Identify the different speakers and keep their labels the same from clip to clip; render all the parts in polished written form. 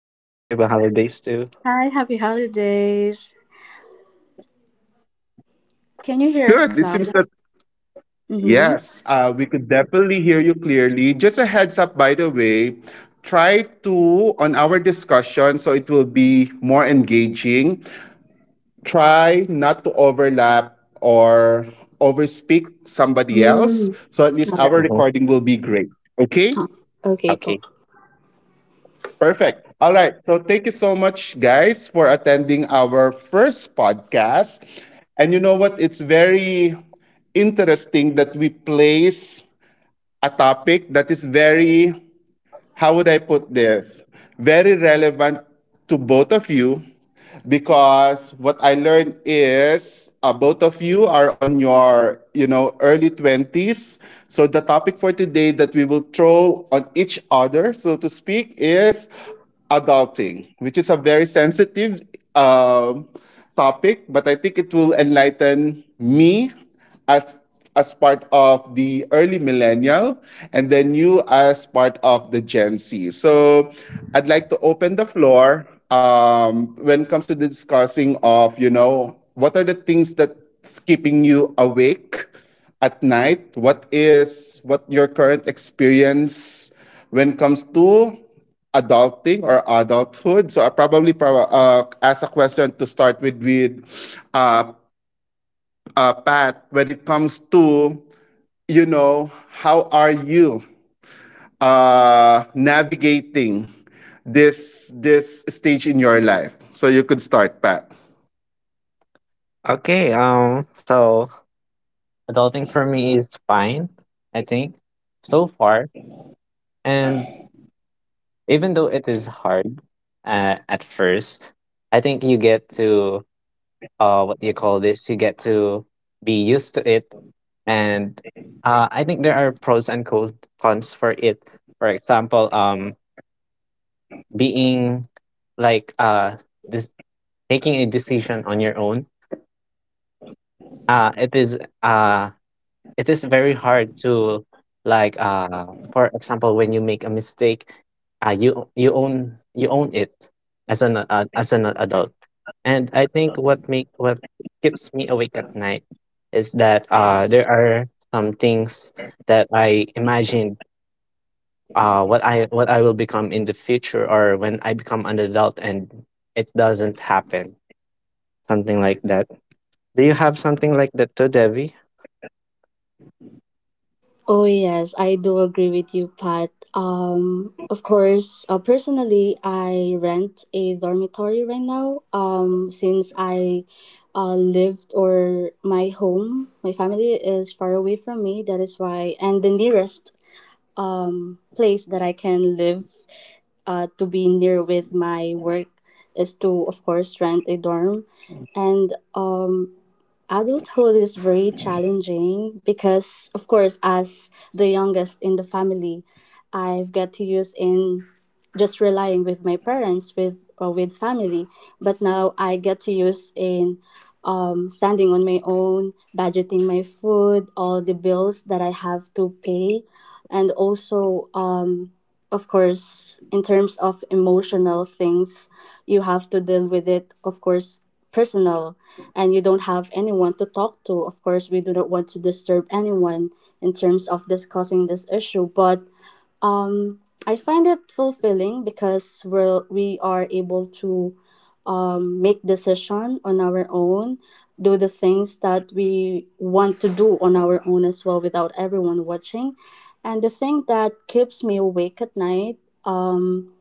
Speaker 1: Hi, happy holidays too.
Speaker 2: Hi, happy holidays. Can you hear us,
Speaker 3: Good. It seems
Speaker 2: Cloud?
Speaker 3: that
Speaker 2: Mm-hmm.
Speaker 3: yes, we could definitely hear you clearly. Just a heads up, by the way, try to on our discussion so it will be more engaging. Try not to overlap or overspeak somebody else,
Speaker 2: Mm.
Speaker 3: so at least
Speaker 2: All
Speaker 3: our
Speaker 2: right.
Speaker 1: Mhm.
Speaker 3: recording will be great. Okay.
Speaker 2: Oh, okay po.
Speaker 1: Okay.
Speaker 3: Perfect. All right. So thank you so much, guys, for attending our first podcast. And you know what? It's very interesting that we place a topic that is very how would I put this? Very relevant to both of you because what I learned is both of you are on your, you know, early 20s. So the topic for today that we will throw on each other, so to speak, is adulting, which is a very sensitive um, topic, but I think it will enlighten me as as part of the early millennial, and then you as part of the Gen Z. So I'd like to open the floor, when it comes to the discussing of, you know, what are the things that's keeping you awake at night? What is what your current experience when it comes to adulting or adulthood? So I probably ask a question to start with uh, Pat, when it comes to, you know, how are you, navigating this stage in your life? So you could start, Pat.
Speaker 1: Okay, so adulting for me is fine, I think, so far. And even though it is hard at first, I think you get to, what do you call this? You get to be used to it. And I think there are pros and cons for it. For example, being like uh, this, making a decision on your own. Uh, it is uh it is very hard to, like, for example, when you make a mistake, you own it as an adult. And I think what keeps me awake at night is that there are some things that I imagined, what I will become in the future, or when I become an adult, and it doesn't happen, something like that. Do you have something like that too, Devi?
Speaker 2: Oh yes, I do agree with you, Pat. Of course, personally, I rent a dormitory right now. Since I lived or my home, my family is far away from me. That is why, and the nearest place that I can live to be near with my work is to, of course, rent a dorm. And adulthood is very challenging, because of course, as the youngest in the family, I've got to use in just relying with my parents with or with family, but now I get to use in standing on my own, budgeting my food, all the bills that I have to pay, and also, of course, in terms of emotional things, you have to deal with it, of course, personal, and you don't have anyone to talk to. Of course, we do not want to disturb anyone in terms of discussing this issue, but um, I find it fulfilling because we are able to make decision on our own, do the things that we want to do on our own as well without everyone watching. And the thing that keeps me awake at night, um,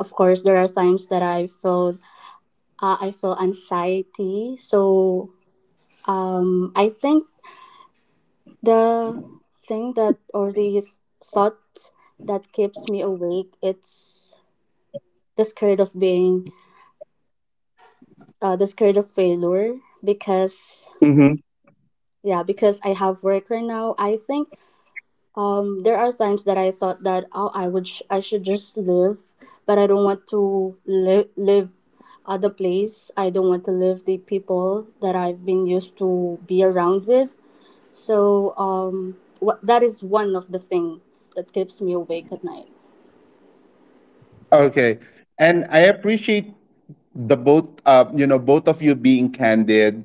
Speaker 2: of course, there are times that I feel, I feel anxiety. So I think the thing that, or the thought that keeps me awake, it's the scared of being, the scared of failure, because, yeah, because I have work right now. I think there are times that I thought that, oh, I would I should just live, but I don't want to live the place. I don't want to live the people that I've been used to be around with. So wha that is one of the thing that keeps me awake at night.
Speaker 3: Okay, and I appreciate the both, you know, both of you being candid.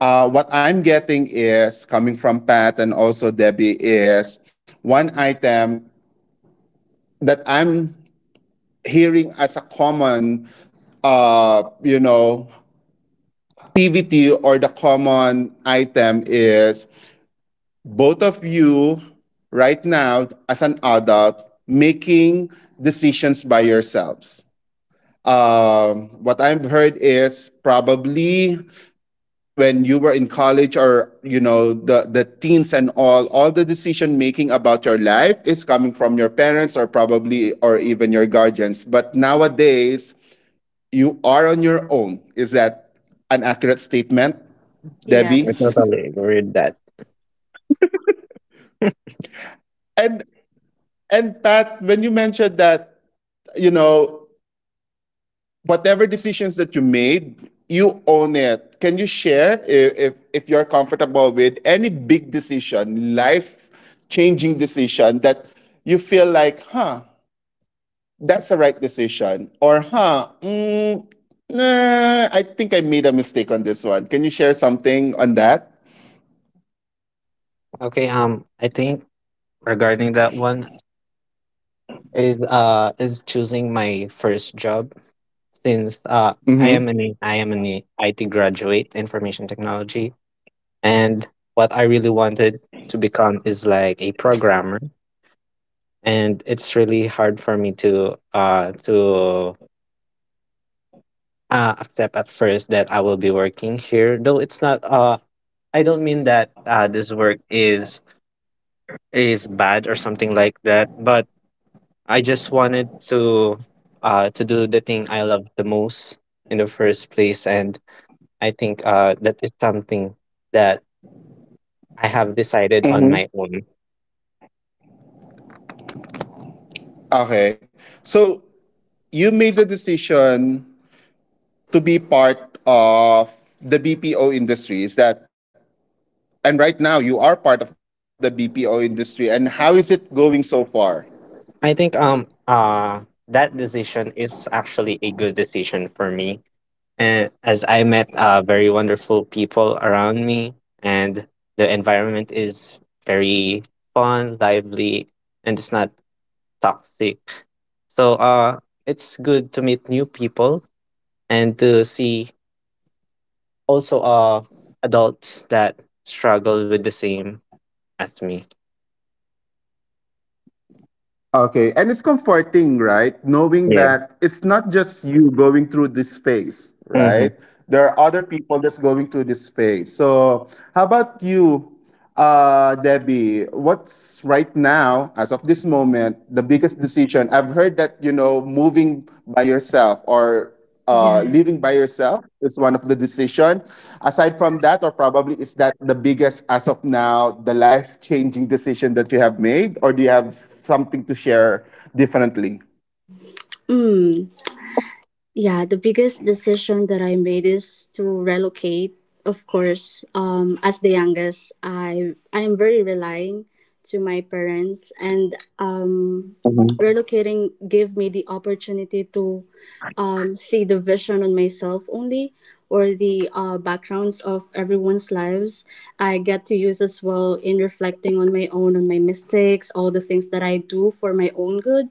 Speaker 3: What I'm getting is coming from Pat and also Debbie is one item that I'm hearing as a common, you know, activity, or the common item is both of you right now as an adult making decisions by yourselves. What I've heard is probably when you were in college or you know the teens and all the decision making about your life is coming from your parents or probably or even your guardians. But nowadays you are on your own. Is that an accurate statement,
Speaker 2: Yeah.
Speaker 3: Debbie?
Speaker 1: I totally agree with that.
Speaker 3: And And Pat, when you mentioned that, you know, whatever decisions that you made, you own it. Can you share if if you're comfortable with any big decision, life changing decision that you feel like, huh, that's the right decision, or huh, mm, nah, I think I made a mistake on this one. Can you share something on that?
Speaker 1: Okay, I think regarding that one is choosing my first job, since I
Speaker 3: Mm-hmm.
Speaker 1: am an I am an IT graduate, information technology, and what I really wanted to become is like a programmer, and it's really hard for me to accept at first that I will be working here. Though it's not I don't mean that this work is bad or something like that, but I just wanted to do the thing I love the most in the first place. And I think that is something that I have decided on
Speaker 3: Mm-hmm.
Speaker 1: my own.
Speaker 3: Okay. So you made the decision to be part of the BPO industry is that, and right now you are part of the BPO industry, and how is it going so far?
Speaker 1: I think that decision is actually a good decision for me, and as I met very wonderful people around me, and the environment is very fun, lively, and it's not toxic. So it's good to meet new people and to see also adults that struggle with the same as me.
Speaker 3: Okay, and it's comforting, right? Knowing
Speaker 1: Yeah.
Speaker 3: that it's not just you going through this phase,
Speaker 1: Hmm.
Speaker 3: right? There are other people that's going through this phase. So, how about you, Debbie? What's right now, as of this moment, the biggest decision? I've heard that you know moving by yourself or
Speaker 2: Yeah.
Speaker 3: living by yourself is one of the decision. Aside from that, or probably is that the biggest as of now, the life changing decision that you have made, or do you have something to share differently?
Speaker 2: Mm. Yeah, the biggest decision that I made is to relocate. Of course, as the youngest, I am very relying to my parents, and um,
Speaker 3: Mm-hmm.
Speaker 2: relocating gave me the opportunity to see the vision on myself only, or the backgrounds of everyone's lives. I get to use as well in reflecting on my own, on my mistakes, all the things that I do for my own good,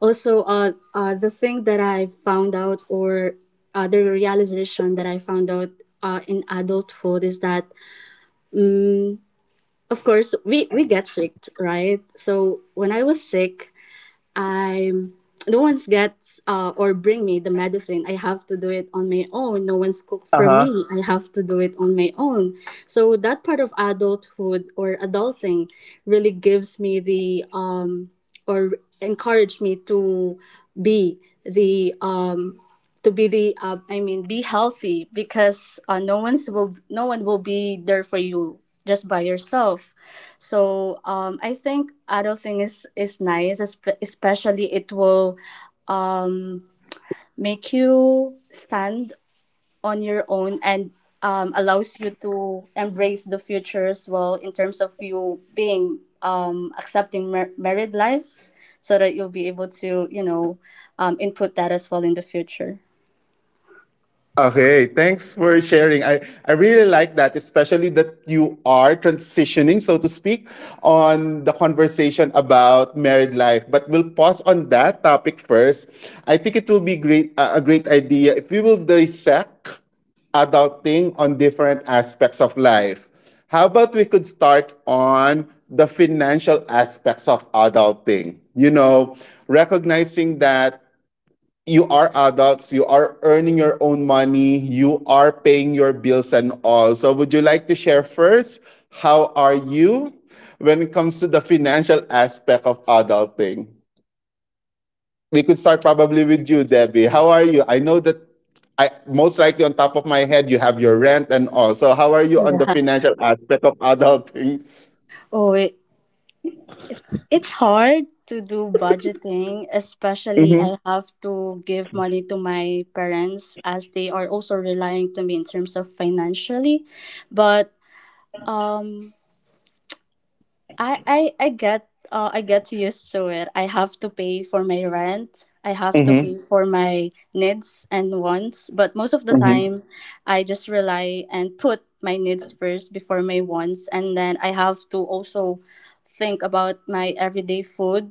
Speaker 2: also, the thing that I found out, or the realization that I found out in adulthood, is that, um, of course, we get sick, right? So when I was sick, I, no one's gets or bring me the medicine. I have to do it on my own. No one's cook for me. I have to do it on my own. So that part of adulthood or adulting really gives me the, or encourage me to be the, to be the, I mean, be healthy, because, no one's will, no one will be there for you, just by yourself. So I think adulting is nice, especially it will um, make you stand on your own, and allows you to embrace the future as well, in terms of you being, accepting married life, so that you'll be able to, you know, input that as well in the future.
Speaker 3: Okay, thanks for sharing. I really like that, especially that you are transitioning, so to speak, on the conversation about married life. But we'll pause on that topic first. I think it will be great a great idea if we will dissect adulting on different aspects of life. How about we could start on the financial aspects of adulting? You know, recognizing that you are adults, you are earning your own money, you are paying your bills and all. So, would you like to share first? How are you when it comes to the financial aspect of adulting? We could start probably with you, Debbie. How are you? I know that I most likely on top of my head you have your rent and all. So, how are you on the
Speaker 2: Yeah.
Speaker 3: financial aspect of adulting?
Speaker 2: Oh, it's hard to do budgeting, especially
Speaker 3: Mm-hmm.
Speaker 2: I have to give money to my parents as they are also relying to me in terms of financially. But um I get used to it. I have to pay for my rent. I have to
Speaker 3: Mm-hmm.
Speaker 2: pay for my needs and wants. But most of the
Speaker 3: Mm-hmm.
Speaker 2: time, I just rely and put my needs first before my wants, and then I have to also think about my everyday food.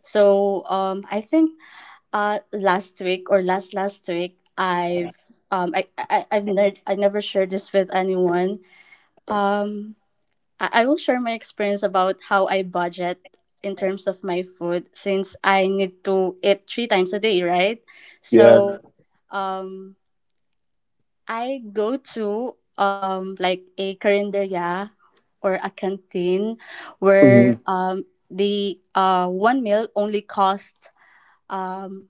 Speaker 2: So I think last week or last week, I've, I never shared this with anyone. Um, I will share my experience about how I budget in terms of my food, since I need to eat three times a day, right?
Speaker 3: Yes.
Speaker 2: So um, I go to, like, a carinderia or a canteen where, the one meal only costs, um,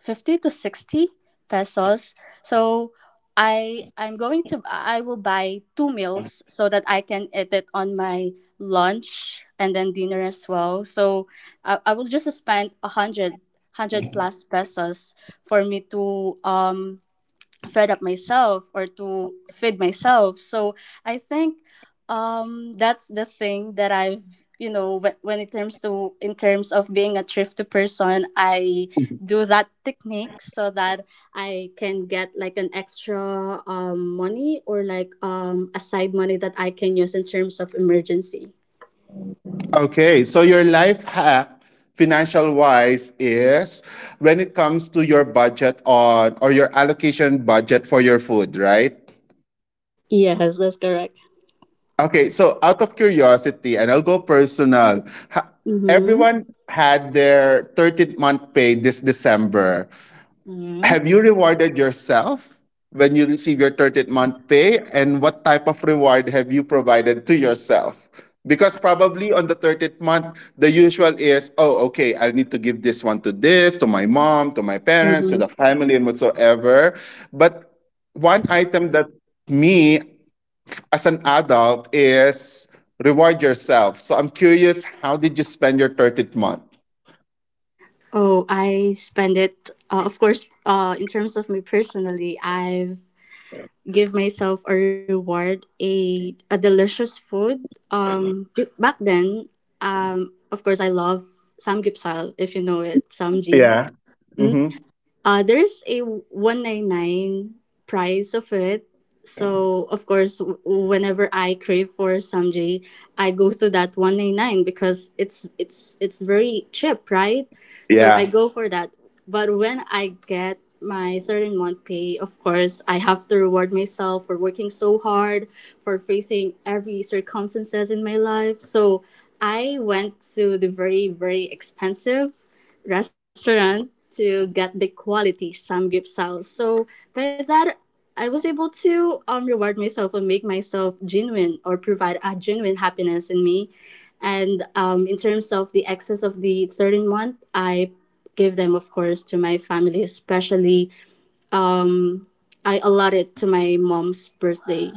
Speaker 2: 50 to 60 pesos. So I I'm going to I will buy two meals so that I can eat it on my lunch and then dinner as well. So I will just spend a hundred hundred plus pesos for me to, fed up myself, or to feed myself. So I think, that's the thing that I've, you know, when it comes to, in terms of being a thrifty person, I do that technique so that I can get like an extra, money, or like, a side money that I can use in terms of emergency.
Speaker 3: Okay, so your life hack financial wise is when it comes to your budget on or your allocation budget for your food, right?
Speaker 2: Yes, that's correct.
Speaker 3: Okay, so out of curiosity, and I'll go personal. ha-
Speaker 2: Mm-hmm.
Speaker 3: Everyone had their 13th month pay this December. Have
Speaker 2: Mm-hmm.
Speaker 3: you rewarded yourself when you receive your 13th month pay? And what type of reward have you provided to yourself? Because probably on the 13th month, the usual is, oh, okay, I need to give this one to this, to my mom, to my parents, to
Speaker 2: Mm-hmm.
Speaker 3: the family, and whatsoever. But one item that me as an adult is reward yourself. So I'm curious, how did you spend your 13th month?
Speaker 2: Oh, I spend it. Of course, in terms of me personally, I've give myself a reward, a delicious food. Back then, of course, I love samgyeopsal, if you know it, samji.
Speaker 3: Yeah. Mm-hmm.
Speaker 2: There's a 199 price of it. So, of course, whenever I crave for samjay, I go to that 199 because it's it's very cheap, right? So I
Speaker 3: Yeah.
Speaker 2: go for that. But when I get my 13th month pay, of course, I have to reward myself for working so hard, for facing every circumstances in my life. So I went to the very, very expensive restaurant to get the quality Sam Gift Sal. So by that, I was able to, reward myself and make myself genuine, or provide a genuine happiness in me. And, in terms of the excess of the 13th month, I give them, of course, to my family, especially, um, I allotted to my mom's birthday.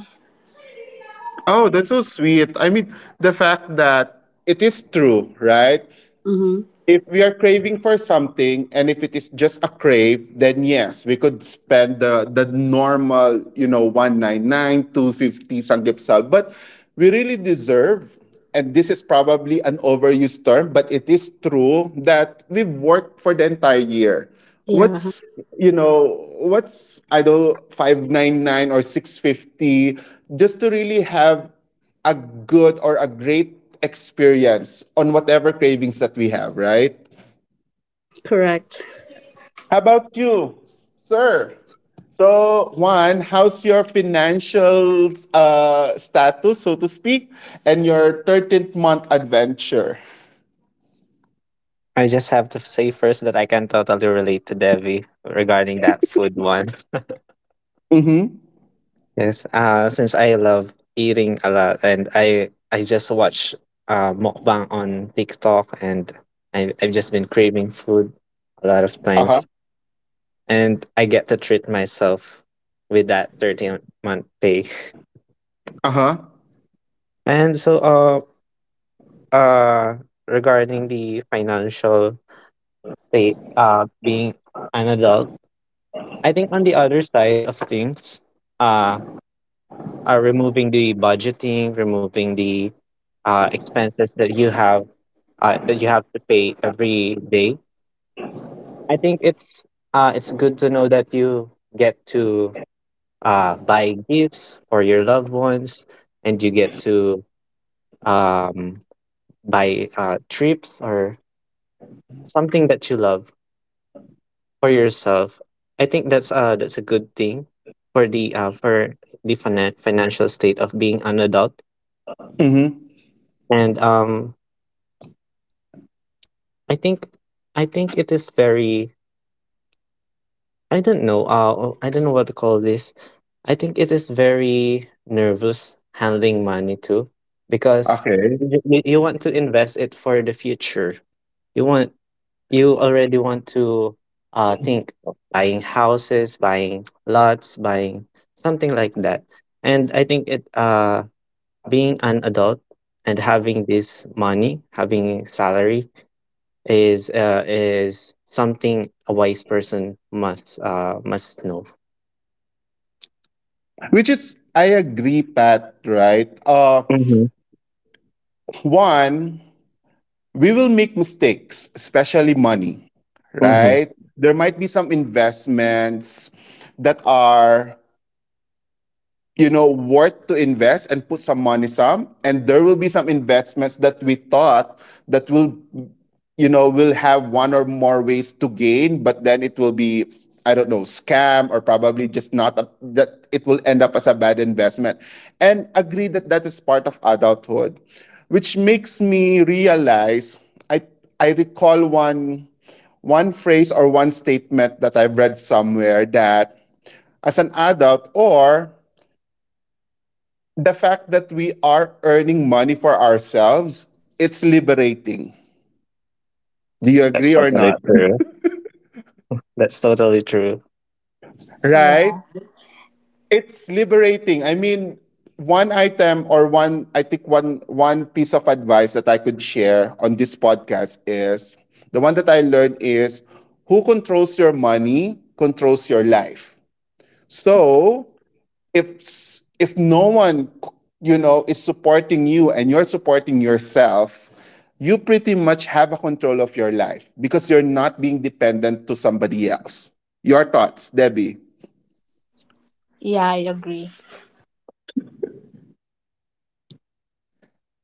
Speaker 3: Oh, that's so sweet. I mean, the fact that it is true, right?
Speaker 2: Mm-hmm.
Speaker 3: If we are craving for something and if it is just a crave, then yes, we could spend the normal, you know, 199, 250 sanggipsal. But we really deserve, and this is probably an overused term, but it is true that we've worked for the entire year.
Speaker 2: Yeah,
Speaker 3: What's, you know, what's, I don't 599 or 650 just to really have a good or a great experience on whatever cravings that we have, right?
Speaker 2: correct.
Speaker 3: How about you, sir? So, Juan, how's your financial, status, so to speak, and your 13th month adventure?
Speaker 1: I just have to say first that I can totally relate to Devi regarding that food one.
Speaker 3: Mm-hmm.
Speaker 1: Yes. Since I love eating a lot, and I just watch mukbang on TikTok, and I 've just been craving food a lot of
Speaker 3: Uh-huh.
Speaker 1: times. And I get to treat myself with that 13th month pay.
Speaker 3: Uh-huh.
Speaker 1: And so uh regarding the financial state, being an adult, I think on the other side of things, uh are removing the budgeting, removing the expenses that you have, that you have to pay every day, I think it's good to know that you get to buy gifts for your loved ones, and you get to um buy trips or something that you love for yourself. I think that's a good thing for the financial state of being an adult.
Speaker 3: Mm-hmm.
Speaker 1: And i think I think it is very, I don't know, I don't know what to call this. I think it is very nervous handling money too, because
Speaker 3: Okay.
Speaker 1: you you want to invest it for the future. You want, you already want to, think of buying houses, buying lots, buying something like that. And I think it being an adult and having this money, having salary is something a wise person must know.
Speaker 3: Which is, I agree, Pat, right?
Speaker 1: Mm-hmm.
Speaker 3: One, we will make mistakes, especially money,
Speaker 1: Mm-hmm.
Speaker 3: right? There might be some investments that are, you know, worth to invest and put some money some, and there will be some investments that we thought that will you know, will have one or more ways to gain, but then it will be, I don't know, scam or probably just not a, that it will end up as a bad investment. And agree that that is part of adulthood, which makes me realize I I recall one phrase or one statement that I've read somewhere that as an adult or the fact that we are earning money for ourselves, it's liberating. Do you
Speaker 1: That's
Speaker 3: agree or
Speaker 1: totally
Speaker 3: not?
Speaker 1: true. That's totally true.
Speaker 3: Right? It's liberating. I mean, one item or one I think one piece of advice that I could share on this podcast is the one that I learned is who controls your money controls your life. So, if no one you know is supporting you and you're supporting yourself, you pretty much have a control of your life because you're not being dependent to somebody else. Your thoughts, Debbie?
Speaker 2: Yeah, I agree.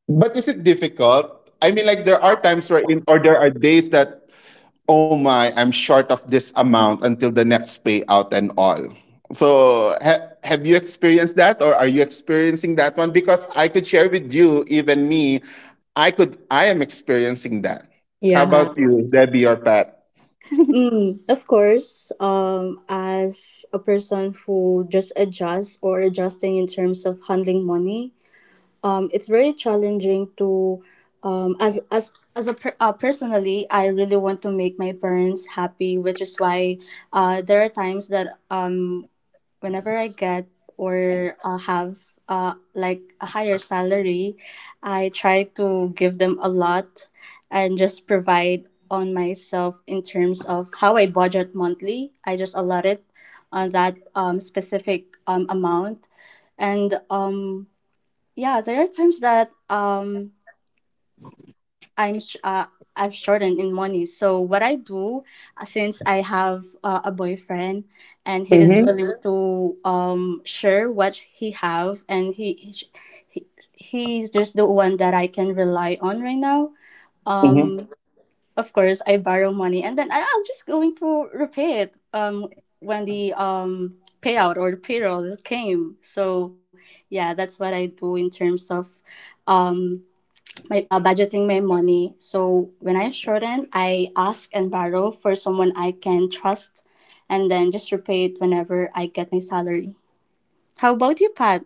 Speaker 3: But is it difficult? I mean, like there are times where, in, or there are days that, oh my, I'm short of this amount until the next payout and all. So have you experienced that, or are you experiencing that one? Because I could share with you, even me, I could, I am experiencing that. How
Speaker 2: Yeah.
Speaker 3: about you, Debbie or Pat?
Speaker 2: Mm, of course, as a person who just adjusts or adjusting in terms of handling money, it's very challenging to, um, as as personally, I really want to make my parents happy, which is why, there are times that, whenever I get, or have, like, a higher salary, I try to give them a lot and just provide on myself in terms of how I budget monthly. I just allot it on that, specific, amount. And, yeah, there are times that, I'm sh- uh, I've shortened in money. So what I do, since I have a boyfriend, and he is
Speaker 3: Mm-hmm.
Speaker 2: willing to share what he have, and he he's just the one that I can rely on right now. Um, of course, I borrow money, and then I'm just going to repay it, when the payout or payroll came. So yeah, that's what I do in terms of, um my, budgeting my money. So when I shorten, I ask and borrow for someone I can trust, and then just repay it whenever I get my salary. How about you, Pat?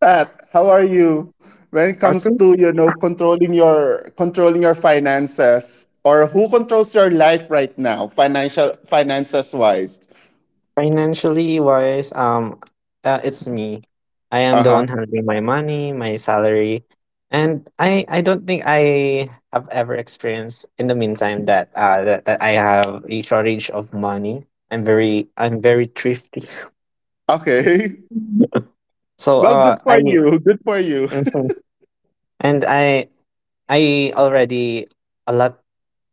Speaker 3: Pat, how are you? When it comes to you know controlling your finances or who controls your life right now, financial finances wise.
Speaker 1: Financially wise, it's me. I am
Speaker 3: Uh
Speaker 1: the
Speaker 3: huh.
Speaker 1: one handling my money, my salary, and I don't think I have ever experienced in the meantime that I have a shortage of money. I'm very thrifty.
Speaker 3: Okay.
Speaker 1: So
Speaker 3: Well, good
Speaker 1: I.
Speaker 3: for you. Good for you.
Speaker 1: Mhm. And I already a lot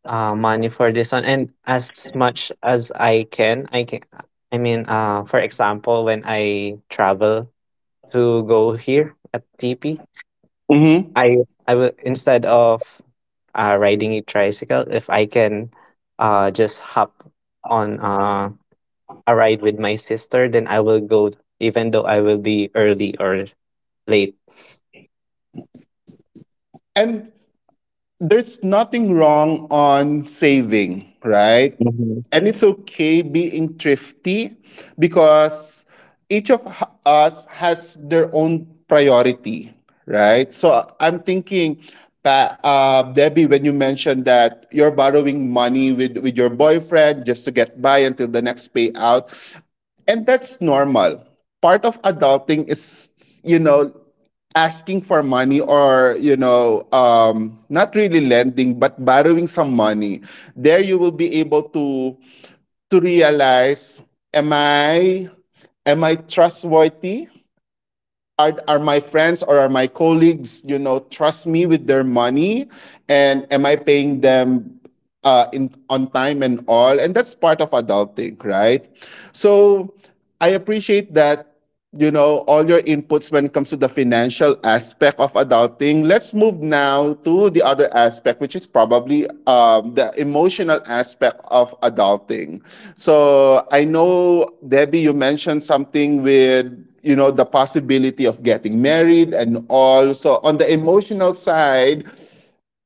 Speaker 1: money for this one, and as much as I can, I mean, for example, when I travel to go here at TP,
Speaker 3: Mm-hmm.
Speaker 1: I will, instead of riding a tricycle, if I can just hop on a ride with my sister, then I will go, even though I will be early or late.
Speaker 3: And there's nothing wrong on saving, right?
Speaker 1: Mhm.
Speaker 3: And it's okay being thrifty because each us has their own priority, right? So I'm thinking, Debbie, when you mentioned that you're borrowing money with your boyfriend just to get by until the next payout, and that's normal. Part of adulting is, you know, asking for money or you know not really lending but borrowing some money there you will be able to realize am i am I trustworthy, are my friends or are my colleagues you know trust me with their money, and am I paying them, in on time and all, and that's part of adulting, right? So I appreciate that you know all your inputs when it comes to the financial aspect of adulting. Let's move now to the other aspect, which is probably, the emotional aspect of adulting. So I know Debbie, you mentioned something with you know the possibility of getting married and all. So on the emotional side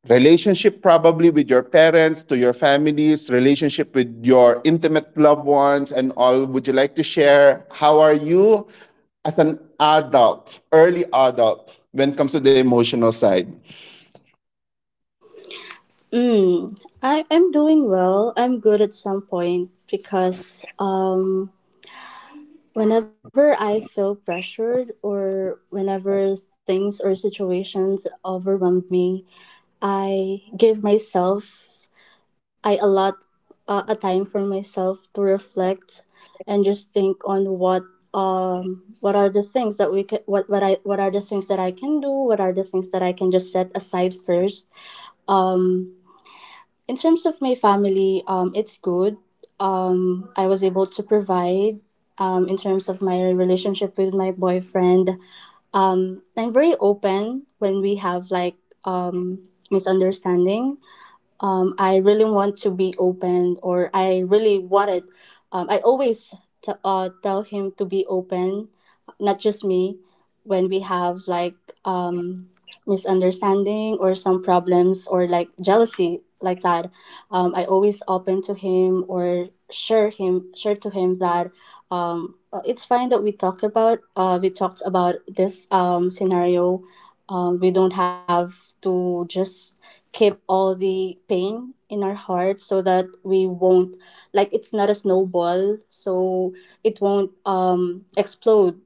Speaker 3: relationship probably with your parents to your families relationship with your intimate loved ones and all would you like to share how are you as an adult early adult when it comes to the emotional side.
Speaker 2: Mm, I'm doing well. I'm good at some point because, whenever I feel pressured or whenever things or situations overwhelmed me, I give myself, I allot a time for myself to reflect, and just think on what, what are the things that we could what I what are the things that I can do, what are the things that I can just set aside first. um in terms of my family, it's good. I was able to provide. In terms of my relationship with my boyfriend, I'm very open when we have like, misunderstanding. I really want to be open, or I really wanted. I always tell him to be open, not just me, when we have like, um, misunderstanding, or some problems, or like jealousy like that. I always open to him, or share him, share to him that, it's fine that we talk about. We talked about this, scenario. We don't have to just keep all the pain in our heart, so that we won't, like, it's not a snowball, so it won't explode,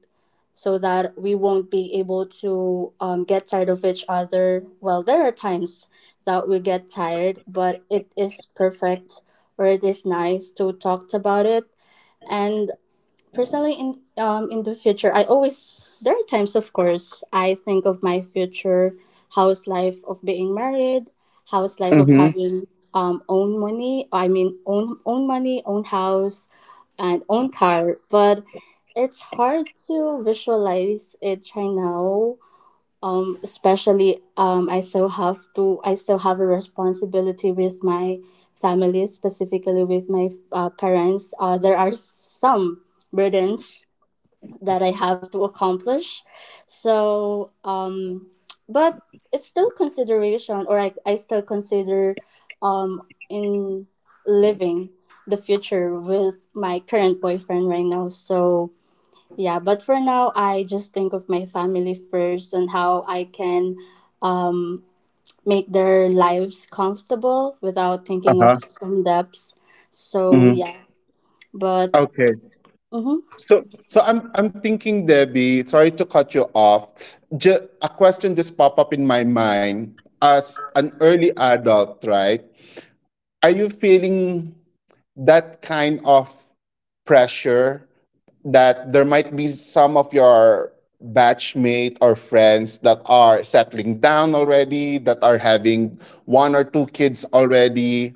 Speaker 2: so that we won't be able to, get tired of each other. Well, there are times that we get tired, but it is perfect, or it is nice to talk about it. And personally, in the future, I always, there are times, of course, I think of my future house life of being married, house life of having, own money, I mean, own money, own house, and own car. But it's hard to visualize it right now. Especially, I still have to, I still have a responsibility with my family, specifically with my, parents. There are some burdens that I have to accomplish. So, but it's still consideration, or, I still consider, um, in living the future with my current boyfriend right now. So, yeah, but for now, I just think of my family first, and how I can, um, make their lives comfortable without thinking
Speaker 3: Uh-huh.
Speaker 2: of some debts. So,
Speaker 3: Hmm.
Speaker 2: yeah, but
Speaker 3: Okay.
Speaker 2: mm-hmm,
Speaker 3: So I'm thinking Debbie, sorry to cut you off. A question just popped up in my mind, as an early adult right, are you feeling that kind of pressure that there might be some of your batchmate or friends that are settling down already, that are having one or two kids already,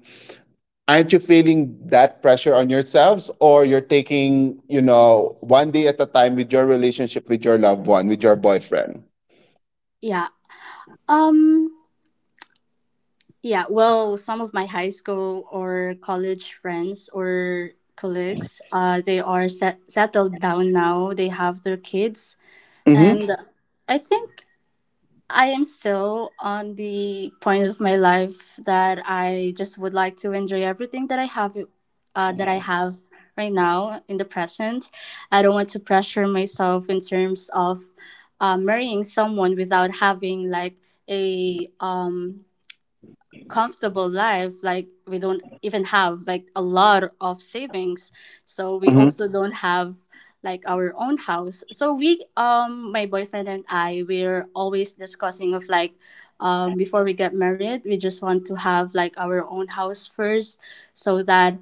Speaker 3: aren't you feeling that pressure on yourselves or you're taking you know one day at a time with your relationship with your loved one with your boyfriend?
Speaker 2: yeah. Um, Yeah, well, some of my high school or college friends or colleagues, they are settled down now. They have their kids,
Speaker 3: Hmm.
Speaker 2: and I think I am still on the point of my life that I just would like to enjoy everything that I have, uh, that I have right now in the present. I don't want to pressure myself in terms of, marrying someone without having like a, comfortable life, like, we don't even have like a lot of savings, so we
Speaker 3: Hmm.
Speaker 2: also don't have like our own house. So we my boyfriend and I, we're always discussing of, like, before we get married, we just want to have like our own house first, so that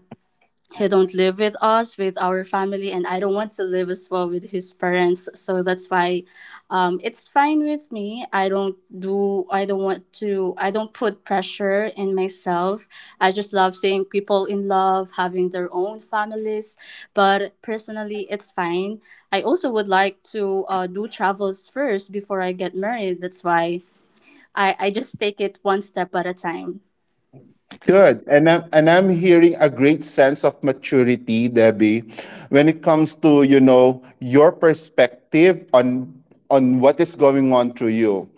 Speaker 2: he don't live with us with our family, and I don't want to live as well with his parents. So that's why, it's fine with me. I don't do, I don't want to, I don't put pressure in myself. I just love seeing people in love, having their own families, but personally, it's fine. I also would like to, do travels first before I get married. That's why, I just take it one step at a time.
Speaker 3: Good. And I'm hearing a great sense of maturity, Debbie, when it comes to, you know, your perspective on what is going on through you.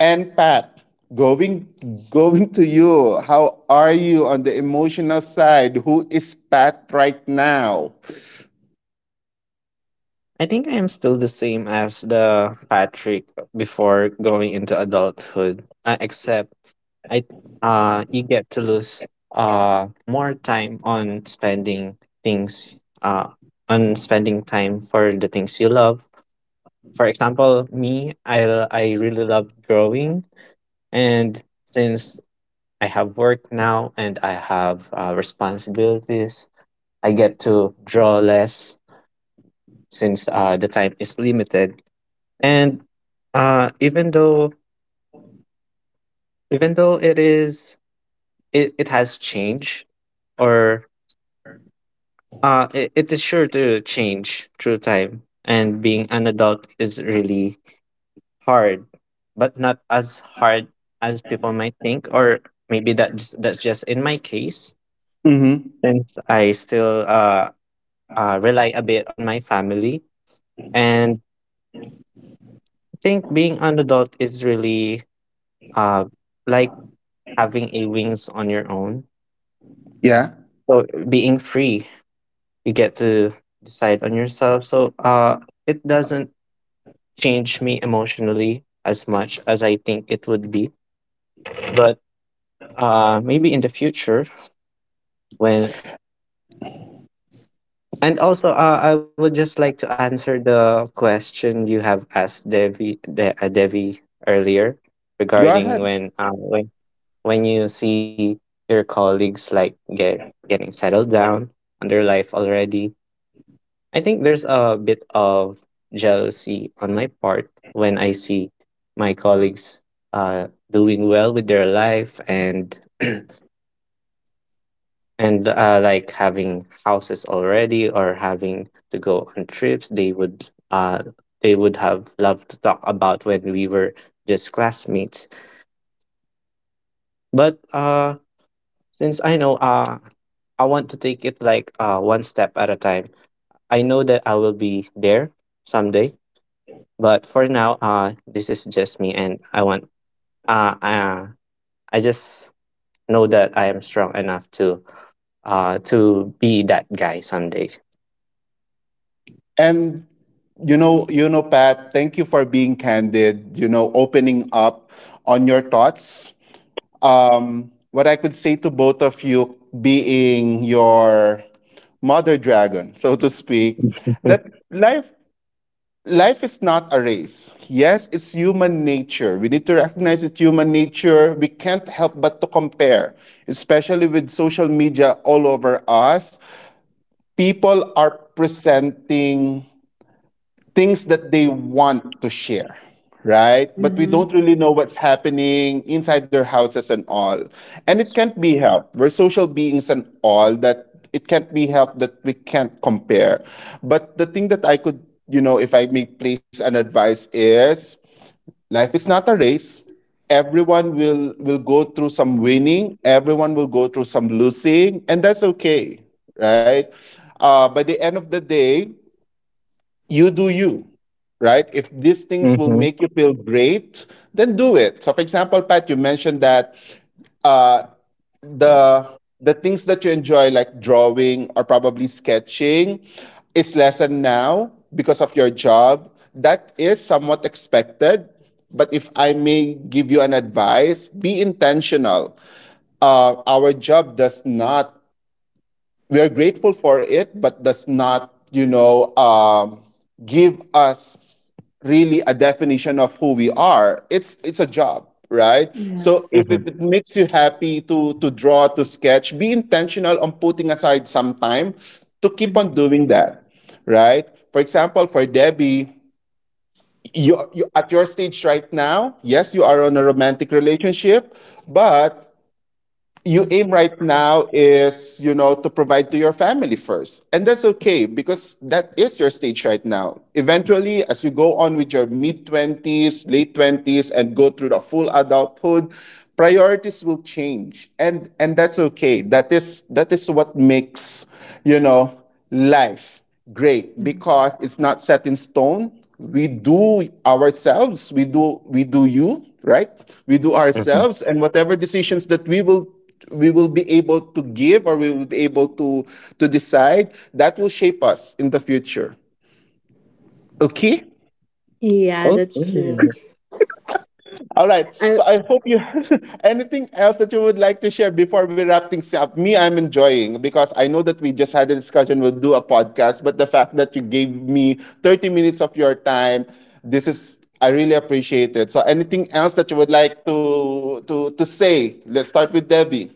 Speaker 3: And Pat, going going to you, how are you on the emotional side? Who is Pat right now?
Speaker 1: I think I am still the same as the Patrick before going into adulthood, except I, you get to lose more time on spending things on spending time for the things you love. For example, me, I I really love drawing, and since I have work now and I have responsibilities, I get to draw less, since the time is limited. And even though it is, it has changed, or it, it is sure to change through time. And being an adult is really hard, but not as hard as people might think, or maybe that just, that's just in my case,
Speaker 3: Mm-hmm.
Speaker 1: since I still rely a bit on my family. And I think being an adult is really, uh, like, having a wings on your own.
Speaker 3: Yeah.
Speaker 1: So being free, you get to decide on yourself. So it doesn't change me emotionally as much as I think it would be. But maybe in the future, when, and also I would just like to answer the question you have asked Devi Devi earlier,
Speaker 3: Go
Speaker 1: regarding
Speaker 3: ahead.
Speaker 1: when when you see your colleagues like getting settled down on their life already. I think there's a bit of jealousy on my part when I see my colleagues doing well with their life, and and like having houses already or having to go on trips they would have loved to talk about when we were just classmates. But since I know, I want to take it like one step at a time, I know that I will be there someday. But for now, this is just me, and I want, uh, uh I just know that I am strong enough to be that guy someday.
Speaker 3: And you know, Pat, thank you for being candid, you know, opening up on your thoughts, what I could say to both of you, being your mother dragon, so to speak, that life life is not a race. Yes, it's human nature. We need to recognize it's human nature. We can't help but to compare, especially with social media all over us. People are presenting things that they want to share, right? But we
Speaker 2: Mm-hmm.
Speaker 3: don't really know what's happening inside their houses and all. And it
Speaker 2: That's...
Speaker 3: can't be helped. We're social beings and all that, it can't be helped that we can't compare. But the thing that I could, you know, if I may place an advice is life is not a race. Everyone will go through some winning, everyone will go through some losing, and that's okay, right? By the end of the day, you do you, right? If these things will
Speaker 1: Mm-hmm.
Speaker 3: make you feel great, then do it. So for example, Pat, you mentioned that, uh, the the things that you enjoy, like drawing or probably sketching, is lessened now because of your job. That is somewhat expected, but if I may give you an advice, be intentional. Our job does not, we are grateful for it, but does not, you know, give us really a definition of who we are. It's a job, right?
Speaker 2: Yeah.
Speaker 3: So
Speaker 1: Mm-hmm.
Speaker 3: if it makes you happy to draw, to sketch, be intentional on putting aside some time to keep
Speaker 2: Mhm.
Speaker 3: on doing that, right? For example, for Debbie, you at your stage right now, yes, you are on a romantic relationship, but you aim right now is, you know, to provide to your family first, and that's okay because that is your stage right now. Eventually, as you go on with your mid 20s, late 20s, and go through the full adulthood, priorities will change, and that's okay. That is that is what makes, you know, life. Great, because it's not set in stone. We do ourselves, we do you, right? We do
Speaker 1: Mm-hmm.
Speaker 3: ourselves, and whatever decisions that we will, we will be able to give, or we will be able to decide, that will shape us in the future. Okay?
Speaker 2: Yeah,
Speaker 1: Okay.
Speaker 2: that's true.
Speaker 1: Uh,
Speaker 3: All right.
Speaker 2: Uh,
Speaker 3: So I hope you, anything else that you would like to share before we wrap things up? Me, I'm enjoying because I know that we just had a discussion. We'll do a podcast, but the fact that you gave me 30 minutes of your time, this is, I really appreciate it. So anything else that you would like to to say? Let's start with Debbie.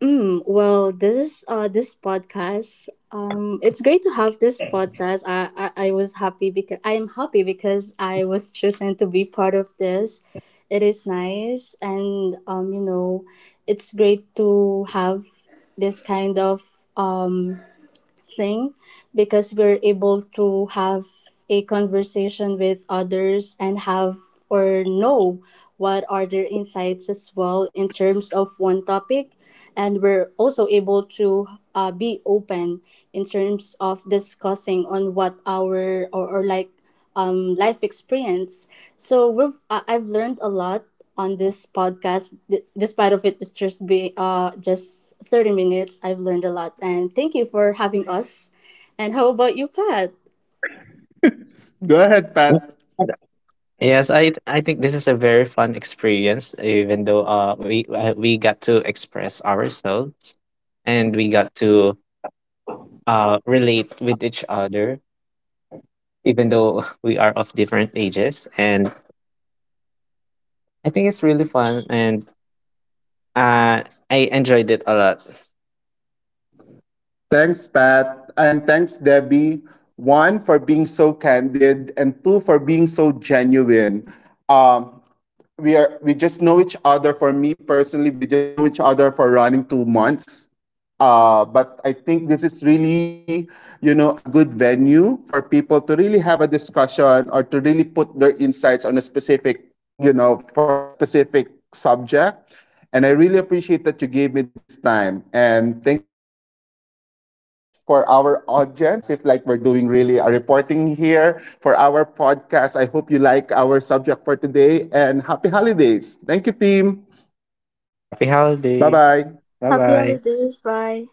Speaker 2: well, this is this podcast. It's great to have this podcast. I was happy, because I am happy, because I was chosen to be part of this. It is nice, and, you know, it's great to have this kind of, um thing, because we're able to have a conversation with others and have or know what are their insights as well in terms of one topic, and we're also able to, be open in terms of discussing on what our, or like, life experience. So we've I've learned a lot on this podcast. Despite of it, it's just be just 30 minutes. I've learned a lot, and thank you for having us. And how about you, Pat?
Speaker 3: Go ahead, Pat.
Speaker 1: but- Yes, I think this is a very fun experience, even though we, we got to express ourselves, and we got to relate with each other, even though we are of different ages. And I think it's really fun, and uh, I enjoyed it a lot.
Speaker 3: Thanks, Pat. And thanks, Debbie. One, for being so candid, and two, for being so genuine. Um, we just know each other, for me personally, we just know each other for running 2 months. But I think this is really, you know, a good venue for people to really have a discussion or to really put their insights on a specific, you know, for a specific subject. And I really appreciate that you gave me this time. And thank you so much for our audience, as if like we're doing really a reporting here for our podcast. I hope you like our subject for today, and happy holidays. Thank you, team.
Speaker 1: Happy
Speaker 3: Bye
Speaker 1: holiday.
Speaker 3: bye.
Speaker 1: Bye
Speaker 2: Happy
Speaker 1: bye.
Speaker 2: holidays. Bye.